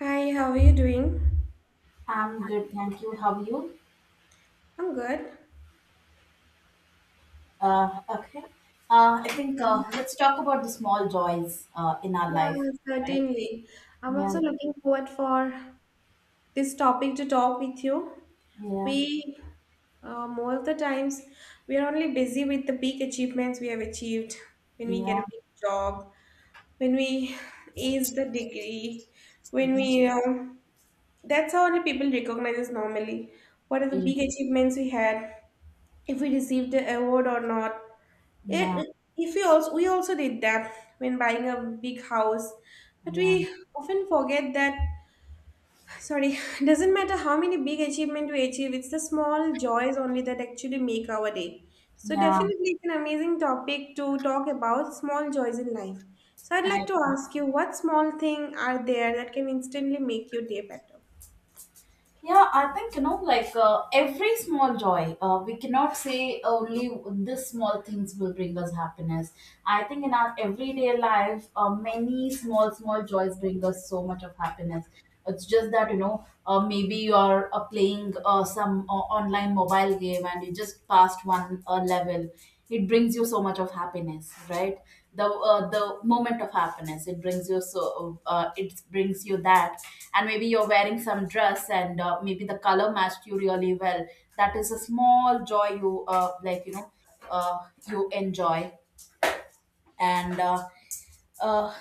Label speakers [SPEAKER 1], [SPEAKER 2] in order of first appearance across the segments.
[SPEAKER 1] Hi, how are you doing?
[SPEAKER 2] I'm good, thank you. How are you?
[SPEAKER 1] I'm good.
[SPEAKER 2] Okay. I think let's talk about the small joys in our
[SPEAKER 1] Yeah,
[SPEAKER 2] life, right?
[SPEAKER 1] certainly. I'm
[SPEAKER 2] Yeah,
[SPEAKER 1] also looking forward for this topic to talk with you.
[SPEAKER 2] yeah,
[SPEAKER 1] We, Most of the times, we are only busy with the big achievements we have achieved when we get
[SPEAKER 2] yeah,
[SPEAKER 1] a big job, when we ace the degree, when
[SPEAKER 2] yeah,
[SPEAKER 1] we, um that's how only people recognize us normally. What are the
[SPEAKER 2] yeah,
[SPEAKER 1] big achievements we had, if we received the award or not? It,
[SPEAKER 2] yeah,
[SPEAKER 1] if we also we also did that when buying a big house, but
[SPEAKER 2] yeah.
[SPEAKER 1] we often forget that. Sorry. Doesn't matter how many big achievement we achieve. It's the small joys only that actually make our day. So
[SPEAKER 2] Yeah.
[SPEAKER 1] definitely, it's an amazing topic to talk about small joys in life. So I'd
[SPEAKER 2] I,
[SPEAKER 1] like to ask you, what small thing are there that can instantly make your day better?
[SPEAKER 2] yeah, I think like every small joy, we cannot say only this small things will bring us happiness. I think in our everyday life, many small, small joys bring us so much of happiness. It's just that, maybe you are playing some online mobile game and you just passed one level. It brings you so much of happiness, right? The moment of happiness, it brings you so, it brings you that. And maybe you're wearing some dress, and maybe the color matched you really well. That is a small joy you like, uh, you enjoy. And. Uh, uh,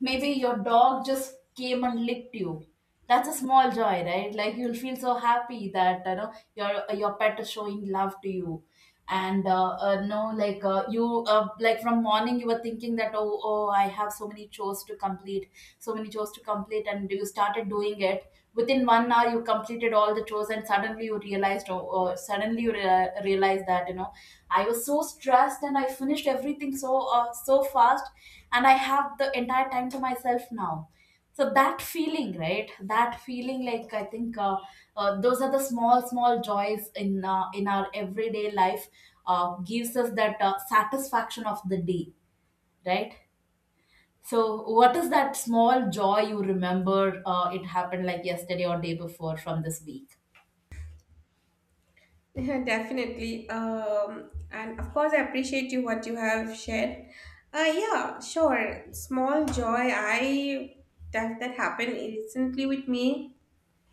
[SPEAKER 2] Maybe your dog just came and licked you. That's a small joy, right? Like, you'll feel so happy that, your pet is showing love to you. And no, like you like, from morning you were thinking that, oh, oh, I have so many chores to complete, so many chores to complete, and you started doing it. Within 1 hour you completed all the chores, and suddenly you realized, oh, oh, suddenly you realized that, I was so stressed and I finished everything so fast, and I have the entire time to myself now. So that feeling, right? That feeling, like, I think those are the small, small joys in in our everyday life, gives us that satisfaction of the day, right? So, what is that small joy you remember? It happened like yesterday or day before from this week.
[SPEAKER 1] Yeah, definitely. And of course, I appreciate you what you have shared. Yeah, sure. Small joy. I That happened recently with me.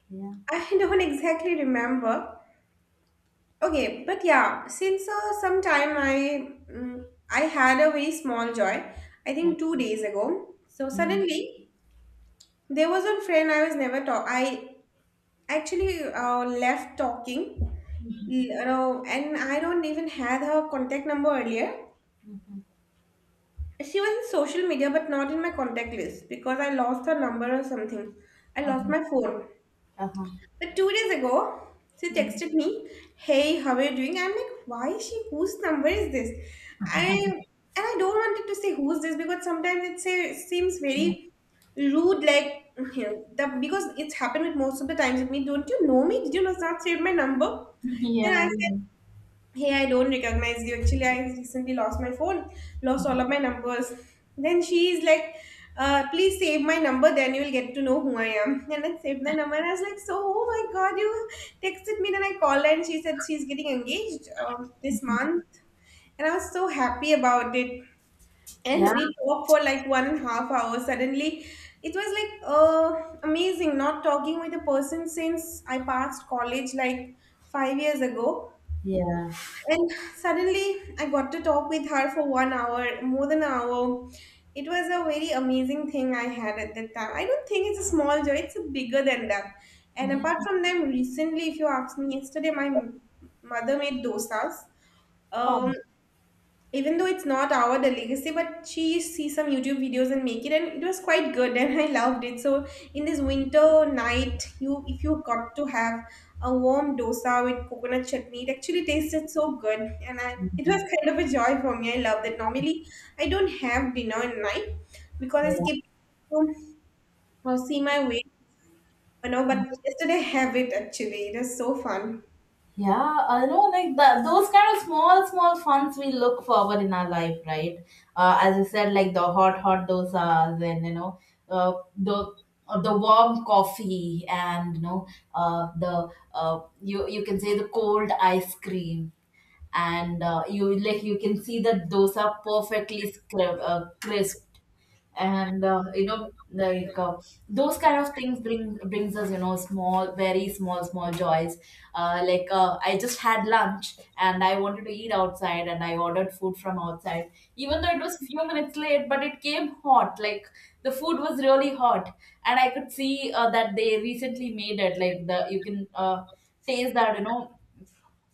[SPEAKER 2] Yeah,
[SPEAKER 1] I don't exactly remember. Okay, but yeah, since some time I I had a very small joy. I
[SPEAKER 2] yeah,
[SPEAKER 1] think 2 days ago. So
[SPEAKER 2] yeah.
[SPEAKER 1] suddenly there was one friend I was never talk. I actually left talking, you know, and I don't even had her contact number earlier. She was in social media, but not in my contact list because I lost her number or something. I lost
[SPEAKER 2] Uh-huh.
[SPEAKER 1] my phone.
[SPEAKER 2] Uh-huh.
[SPEAKER 1] But 2 days ago, she
[SPEAKER 2] Mhm.
[SPEAKER 1] texted me, "Hey, how are you doing?" I'm like, "Why is she? Whose number is this?" I and I don't wanted to say who's this because sometimes it say, seems
[SPEAKER 2] Yeah.
[SPEAKER 1] very rude, like you know, because it's happened with most of the times with me. Don't you know me? Did you not save my number? Then I
[SPEAKER 2] Yeah.
[SPEAKER 1] hey, I don't recognize you actually, I recently lost my phone, lost all of my numbers. Then she's like, please save my number, then you'll get to know who I am. And I saved the number. I was like, so oh my god, you texted me. Then I called her, and she said she's getting engaged this month, and I was so happy about it.
[SPEAKER 2] Yeah.
[SPEAKER 1] And we talked for like 1.5 hours suddenly. It was like amazing, not talking with a person since I passed college like 5 years ago.
[SPEAKER 2] Yeah.
[SPEAKER 1] And suddenly, I got to talk with her for one hour, more than an hour. It was a very amazing thing I had at that time. I don't think it's a small joy, it's bigger than that. And
[SPEAKER 2] Yeah.
[SPEAKER 1] apart from them, recently, if you ask me, yesterday mother made dosas. Um, even though it's not our delicacy, but she see some YouTube videos and make it, and it was quite good, and I loved it. So in this winter night, you if you got to have a warm dosa with coconut chutney, it actually tasted so good, and I it
[SPEAKER 2] Yeah.
[SPEAKER 1] was kind of a joy for me. I loved it. Normally I don't have dinner at night because I
[SPEAKER 2] Yeah.
[SPEAKER 1] skip to see my weight, you know. But yesterday I have it, actually it was so fun.
[SPEAKER 2] Yeah, I know, like that. Those kind of small, small funds we look forward in our life, right? As you said, like the hot, hot dosas, and, uh, the the warm coffee, and, the you can say, the cold ice cream, and you, like, you can see that those are perfectly crisped, and, like those kind of things bring brings us, small, very small, small joys. Like, I just had lunch and I wanted to eat outside, and I ordered food from outside. Even though it was few minutes late, but it came hot. Like, the food was really hot, and I could see, that they recently made it. Like, the you can taste that,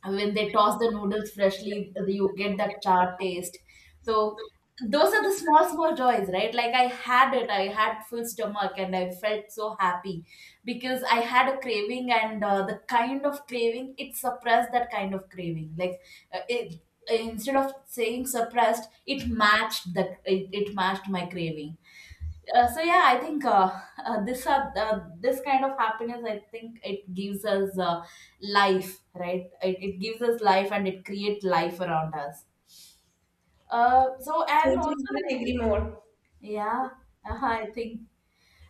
[SPEAKER 2] and when they toss the noodles freshly you get that char taste. So those are the small, small joys, right? Like, I had it, I had full stomach and I felt so happy, because I had a craving and, the kind of craving it suppressed, that kind of craving, like, it instead of saying suppressed, it matched the, it matched my craving. So yeah, I think, this kind of happiness, I think it gives us life, right? It gives us life and it creates life around us. So, and
[SPEAKER 1] Totally
[SPEAKER 2] also,
[SPEAKER 1] couldn't agree more.
[SPEAKER 2] yeah, I think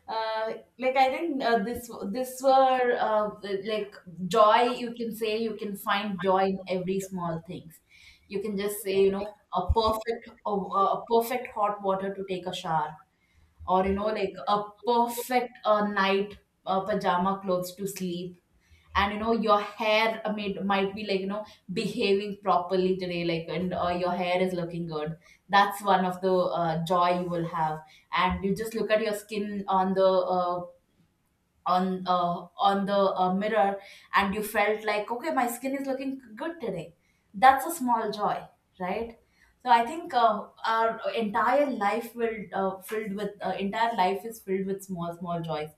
[SPEAKER 2] uh, like, I think this were, like, joy. You can say, you can find joy in every small things. You can just say, a perfect, a perfect hot water to take a shower, or, like a perfect night pajama clothes to sleep, and, your hair might be, like, behaving properly today, like, and, your hair is looking good. That's one of the joy you will have. And you just look at your skin on the mirror, and you felt like, okay, my skin is looking good today. That's a small joy, right? So I think our entire life will filled with entire life is filled with small, small joys.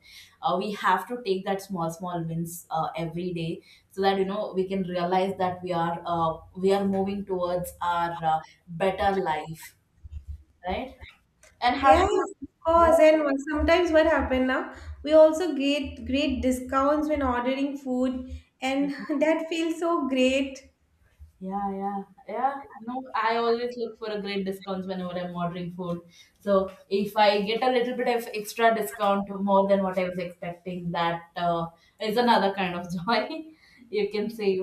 [SPEAKER 2] We have to take that small, small wins every day, so that, we can realize that we are moving towards our better life, right? And have
[SPEAKER 1] Yes,
[SPEAKER 2] you?
[SPEAKER 1] of course.
[SPEAKER 2] Yeah,
[SPEAKER 1] And what- sometimes what happen now, we also get great discounts when ordering food,
[SPEAKER 2] yeah.
[SPEAKER 1] and that feels so great.
[SPEAKER 2] Yeah, yeah, yeah. No, I always look for a great discounts whenever I'm ordering food. So if I get a little bit of extra discount more than what I was expecting, that is another kind of joy, you can say.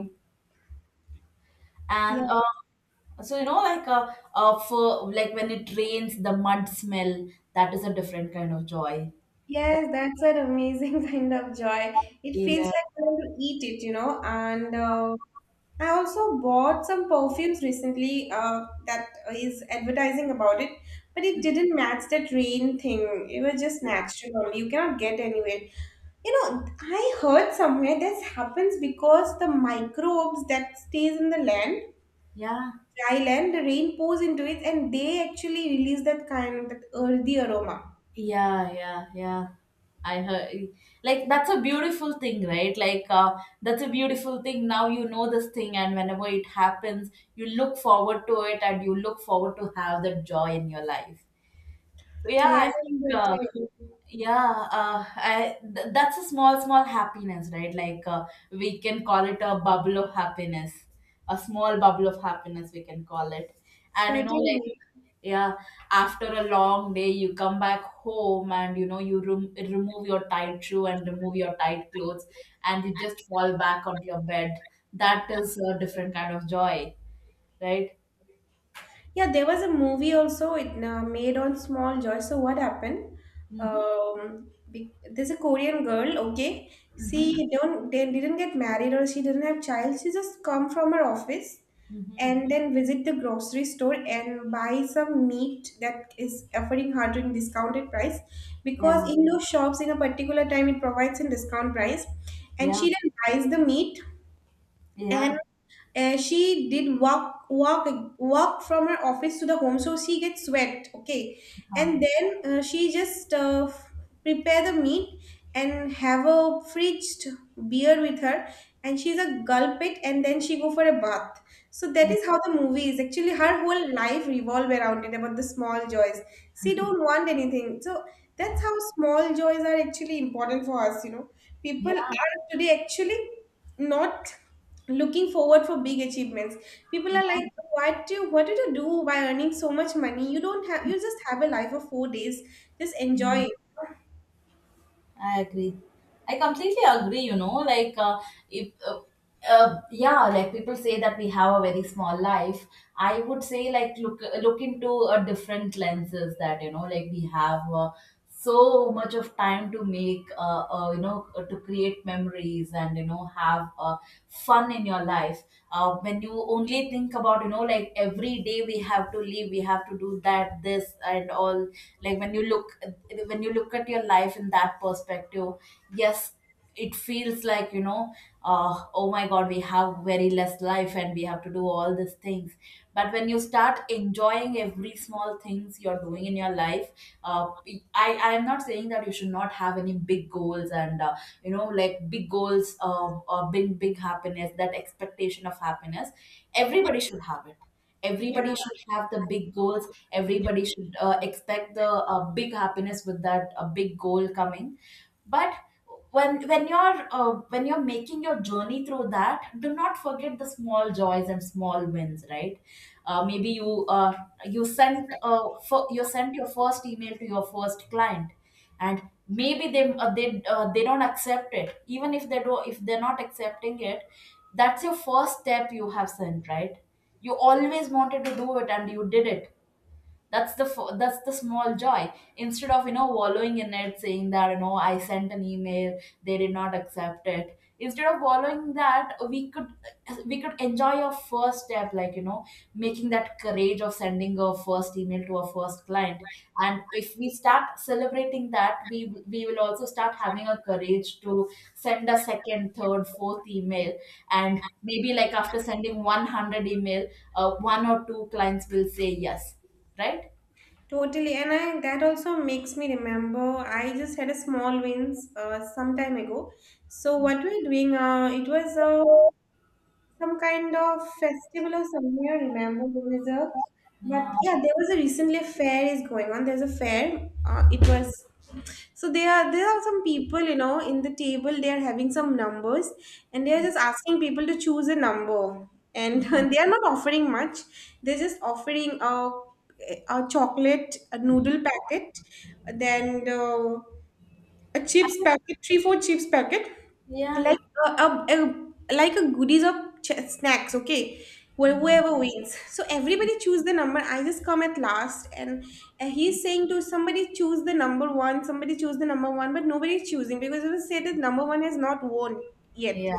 [SPEAKER 2] And,
[SPEAKER 1] Yeah.
[SPEAKER 2] so, like for like, when it rains, the mud smell, that is a different kind of joy. That.
[SPEAKER 1] Yes, that's an amazing kind of joy. It feels
[SPEAKER 2] Yeah,
[SPEAKER 1] like I want to eat it, you know. And I also bought some perfumes recently that is advertising about it, but it didn't match that rain thing. It was just natural only. You cannot get anywhere. You know, I heard somewhere this happens because the microbes that stays in the land,
[SPEAKER 2] yeah.
[SPEAKER 1] dry land, the rain pours into it, and they actually release that kind of that earthy aroma.
[SPEAKER 2] Yeah, yeah, yeah. I heard, like, that's a beautiful thing, right? Like, that's a beautiful thing. Now you know this thing, and whenever it happens, you look forward to it, and you look forward to have that joy in your life. So yeah,
[SPEAKER 1] Yes,
[SPEAKER 2] I think,
[SPEAKER 1] totally.
[SPEAKER 2] yeah, that's a small, small happiness, right? Like, we can call it a bubble of happiness, a small bubble of happiness, we can call it. And, like,
[SPEAKER 1] Certainly.
[SPEAKER 2] yeah, after a long day you come back home, and, you remove your tight shoe and remove your tight clothes, and you just fall back onto your bed. That is a different kind of joy, right?
[SPEAKER 1] Yeah, there was a movie also it made on Small Joy. So what happened?
[SPEAKER 2] Mm-hmm.
[SPEAKER 1] There's a Korean girl. Okay,
[SPEAKER 2] Mm-hmm.
[SPEAKER 1] she don't they didn't get married or she didn't have child. She just come from her office
[SPEAKER 2] Mm-hmm.
[SPEAKER 1] and then visit the grocery store and buy some meat that is offering her in discounted price, because
[SPEAKER 2] Yeah,
[SPEAKER 1] in those shops in a particular time it provides a discount price. And
[SPEAKER 2] yeah,
[SPEAKER 1] she then buys the meat,
[SPEAKER 2] yeah.
[SPEAKER 1] and she did walk walk from her office to the home, so she gets sweat. Okay,
[SPEAKER 2] Uh,
[SPEAKER 1] and then prepare the meat and have a fridged beer with her, and she's a gulp it, and then she go for a bath. So that
[SPEAKER 2] mm.
[SPEAKER 1] is how the movie is actually. Her whole life revolve around it about the small joys. She don't want anything, so that's how small joys are actually important for us. You know, people
[SPEAKER 2] Yeah.
[SPEAKER 1] are today actually not looking forward for big achievements. People are like, what do what did you do by earning so much money? You don't have, you just have a life of 4 days, just enjoy it.
[SPEAKER 2] I agree. I completely agree, like, if yeah, like, people say that we have a very small life. I would say, like, look into a different lenses, that, like, we have so much of time to create memories, and, have fun in your life. When you only think about, like, every day we have to leave, we have to do that, this and all. Like, when you look at your life in that perspective, yes, it feels like, oh my god, we have very less life and we have to do all these things. But when you start enjoying every small things you're doing in your life, uh, I am not saying that you should not have any big goals, and, like, big goals, or big, big happiness, that expectation of happiness, everybody should have it.
[SPEAKER 1] Yeah.
[SPEAKER 2] Everybody should have the big goals, everybody should expect the, big happiness with that big goal coming. But when you're making your journey through that, do not forget the small joys and small wins, right? Maybe you sent your first email to your first client, and maybe they don't accept it. Even if they do, if they're not accepting it, that's your first step you have sent, right? You always wanted to do it and you did it. That's the small joy, instead of, wallowing in it, saying that, I sent an email, they did not accept it. Instead of wallowing, that we could enjoy our first step, like, making that courage of sending our first email to our first client. And if we start celebrating that, we will also start having a courage to send a second, third, fourth email. And maybe like, after sending 100 email, one or two clients will say yes, right?
[SPEAKER 1] Totally, and I that also makes me remember. I just had a small wins some time ago. So what we're doing, it was a some kind of festival or somewhere. I remember there is a, but
[SPEAKER 2] Yeah.
[SPEAKER 1] yeah, there was a recently a fair is going on. There's a fair. It was so there are some people, you know, in the table. They are having some numbers, and they are just asking people to choose a number, and
[SPEAKER 2] Mhm.
[SPEAKER 1] they are not offering much. They're just offering a chocolate, a noodle packet, then. A chips
[SPEAKER 2] I-
[SPEAKER 1] packet, three, four chips packet.
[SPEAKER 2] Yeah.
[SPEAKER 1] Like a like a goodies of snacks, okay.
[SPEAKER 2] Mhm.
[SPEAKER 1] Whoever wins, so everybody choose the number. I just come at last, and he's saying to somebody choose the number one, somebody choose the number one, but nobody's choosing because it was said that number one has not won yet.
[SPEAKER 2] Yeah,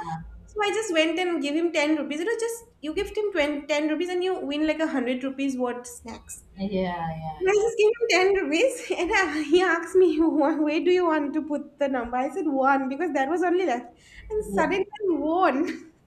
[SPEAKER 1] So I just went and gave him 10 rupees. It was just you give him 20, ten rupees and you win like a 100 rupees worth snacks.
[SPEAKER 2] yeah, yeah,
[SPEAKER 1] And I
[SPEAKER 2] yeah,
[SPEAKER 1] just gave him 10 rupees, and I, he asked me, "Wha- where do you want to put the number?" I said one because that was only left. And
[SPEAKER 2] yeah.
[SPEAKER 1] suddenly I won.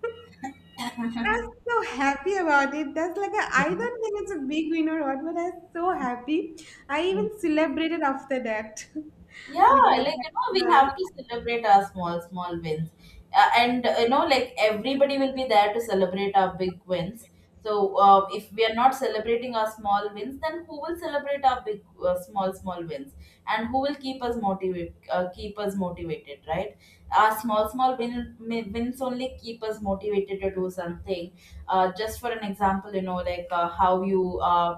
[SPEAKER 1] I was so happy about it. That's like a, I don't think it's a big win or what, but I was so happy. I even
[SPEAKER 2] Yeah.
[SPEAKER 1] celebrated after that
[SPEAKER 2] Yeah,
[SPEAKER 1] with my
[SPEAKER 2] like you know we have
[SPEAKER 1] family.
[SPEAKER 2] to celebrate our small small wins and you know like everybody will be there to celebrate our big wins. So if we are not celebrating our small wins, then who will celebrate our big small small wins and who will keep us motivated keep us motivated, right? Our small wins only keep us motivated to do something. Uh, just for an example, you know, like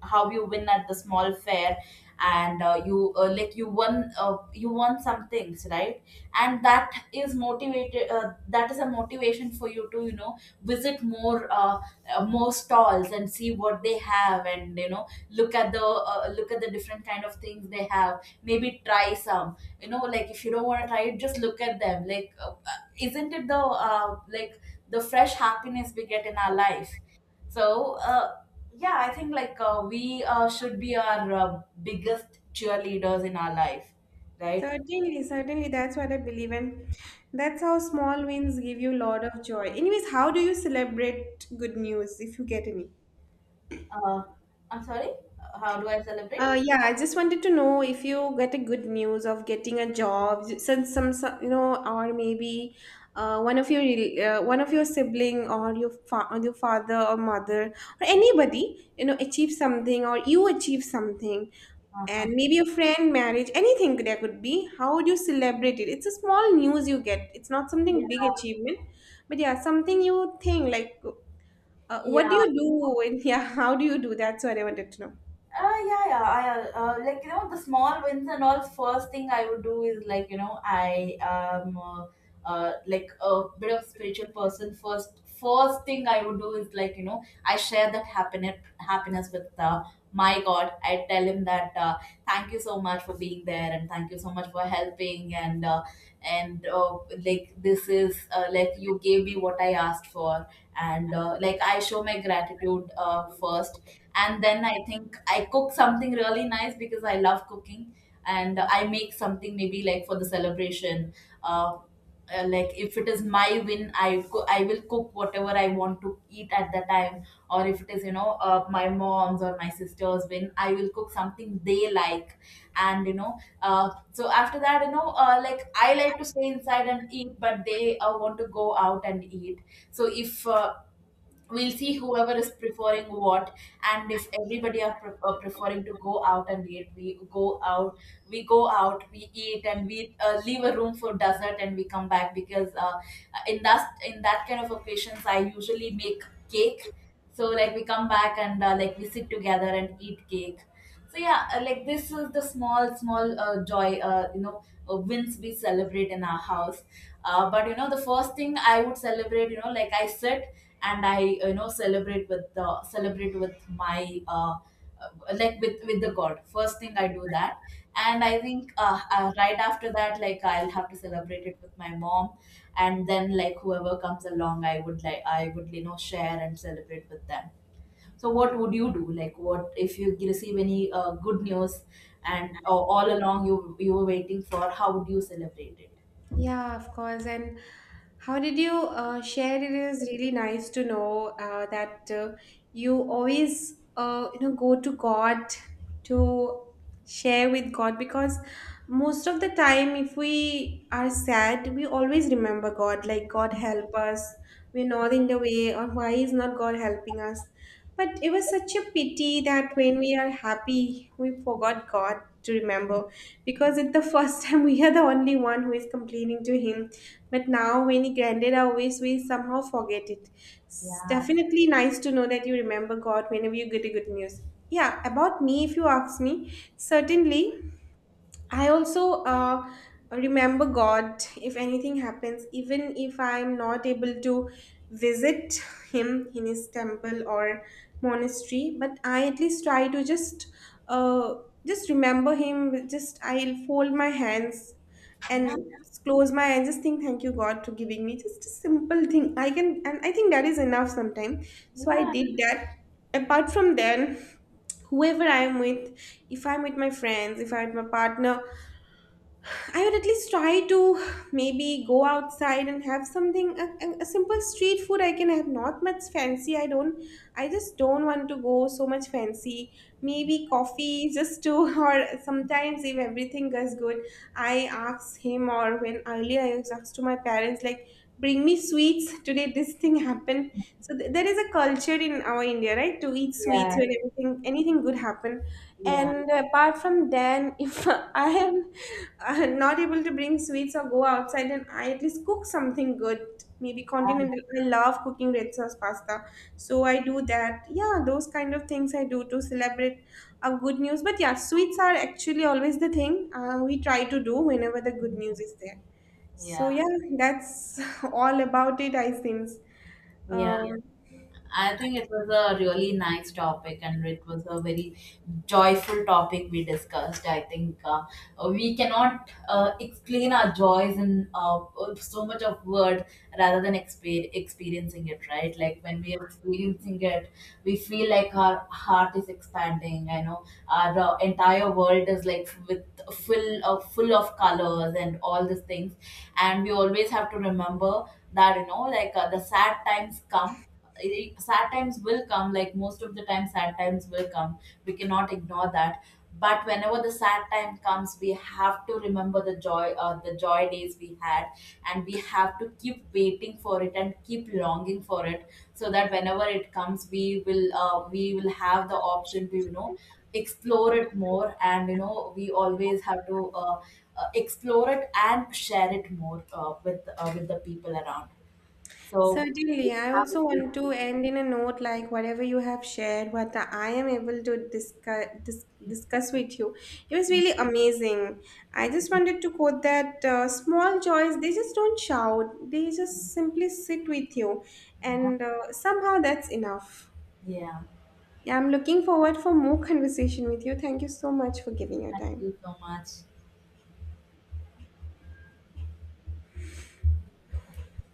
[SPEAKER 2] how you win at the small fair. And you like you won some things, right? And that is a motivation for you to, you know, visit more stalls and see what they have, and you know, look at the different kind of things they have. Maybe try some, you know, like if you don't want to try it, just look at them like isn't it the like the fresh happiness we get in our life? So yeah, I think like we should be our biggest cheerleaders in our life, right?
[SPEAKER 1] Certainly, certainly, that's what I believe in. That's how small wins give you a lot of joy. Anyways, how do you celebrate good news if you get any?
[SPEAKER 2] uh, I'm sorry, how do I celebrate?
[SPEAKER 1] Yeah, I just wanted to know if you get a good news of getting a job since some you know, or maybe one of your sibling or or your father or mother or anybody you know achieve something or you achieve something,
[SPEAKER 2] Uh-huh.
[SPEAKER 1] and maybe a friend marriage, anything there could be. How would you celebrate it? It's a small news you get. It's not something big
[SPEAKER 2] Yeah,
[SPEAKER 1] achievement, but yeah, something you think like, what do
[SPEAKER 2] yeah.
[SPEAKER 1] you do? And yeah, how do you do? That's what I wanted to know.
[SPEAKER 2] Yeah, yeah. I, like you know, the small wins and all. First thing I would do is like you know I am like a bit of spiritual person. First thing I would do is like you know I share that happiness with my God. I tell him that thank you so much for being there, and thank you so much for helping, and like this is like you gave me what I asked for. And like I show my gratitude first, and then I think I cook something really nice because I love cooking, and I make something maybe like for the celebration. uh, like if it is my win, I will cook whatever I want to eat at that time. Or if it is, you know, my mom's or my sister's win, I will cook something they like. And you know, so after that, you know, like I like to stay inside and eat, but they want to go out and eat. So if we'll see whoever is preferring what. And if everybody are, are preferring to go out and eat, we go out. We go out we eat and we leave a room for dessert, and we come back because in that kind of occasions I usually make cake. So like we come back and like we sit together and eat cake. So yeah, like this is the small small joy, you know, wins we celebrate in our house. But you know, the first thing I would celebrate, you know, like I sit and I, you know, celebrate with my uh, like with the God. First thing I do that. And I think right after that, like I'll have to celebrate it with my mom, and then like whoever comes along, I would, you know, share and celebrate with them. So what would you do? Like what if you receive any good news and or all along you were waiting for? How would you celebrate it?
[SPEAKER 1] Yeah, of course. And how did you share? It is really nice to know that you always, you know, go to God to share with God, because most of the time, if we are sad, we always remember God. Like, God help us. We're not in the way, or why is not God helping us? But it was such a pity that when we are happy, we forgot God to remember, because at the first time we are the only one who is complaining to him. But now when he granted our wish, we somehow forget it. It's
[SPEAKER 2] Yeah,
[SPEAKER 1] definitely nice to know that you remember God whenever you get a good news. Yeah, about me if you ask me, certainly I also remember God if anything happens, even if I'm not able to visit Him in His temple or monastery, but I at least try to uh, just remember Him. Just I'll fold my hands and just close my eyes, just think thank you God to giving me just a simple thing I can, and I think that is enough sometimes. So I
[SPEAKER 2] yeah,
[SPEAKER 1] did that. Apart from then, whoever I'm with, if I'm with my friends, if I'm with my partner, I would at least try to maybe go outside and have something, a simple street food I can have, not much fancy. I just don't want to go so much fancy. Maybe coffee just to or sometimes if everything goes good, I ask him, or when earlier I was asked to my parents like, bring me sweets, today this thing happened. So there is a culture in our India, right, to eat
[SPEAKER 2] yeah,
[SPEAKER 1] sweets when everything anything good happen.
[SPEAKER 2] yeah,
[SPEAKER 1] And apart from then, if I am not able to bring sweets or go outside, then I at least cook something good. Maybe
[SPEAKER 2] done,
[SPEAKER 1] continental. I love cooking red sauce pasta, so I do that. Yeah, those kind of things I do to celebrate a good news. But yeah, sweets are actually always the thing we try to do whenever the good news is there. So
[SPEAKER 2] yeah,
[SPEAKER 1] yeah, that's all about it, I think.
[SPEAKER 2] yeah.
[SPEAKER 1] Um,
[SPEAKER 2] I think it was a really nice topic, and it was a very joyful topic we discussed. I think we cannot explain our joys in so much of word rather than experiencing it. Right, like when we are experiencing it, we feel like our heart is expanding. I know our entire world is like with full of colors and all these things. And we always have to remember that you know like the sad times come Eh, sad times will come, like most of the time sad times will come. We cannot ignore that. But whenever the sad time comes, we have to remember the joy days we had, and we have to keep waiting for it and keep longing for it. So that whenever it comes, we will have the option to, you know, explore it more. And you know, we always have to explore it and share it more with the people around. So
[SPEAKER 1] Certainly, I
[SPEAKER 2] have a
[SPEAKER 1] also
[SPEAKER 2] great-
[SPEAKER 1] want to end in a note like whatever you have shared, what I am able to discuss with you, it was really amazing. I just wanted to quote that small joys, they just don't shout; they just simply sit with you,
[SPEAKER 2] yeah,
[SPEAKER 1] and somehow that's enough.
[SPEAKER 2] yeah,
[SPEAKER 1] Yeah, I'm looking forward for more conversation with you. Thank you so much for giving your
[SPEAKER 2] thank
[SPEAKER 1] time.
[SPEAKER 2] you so much.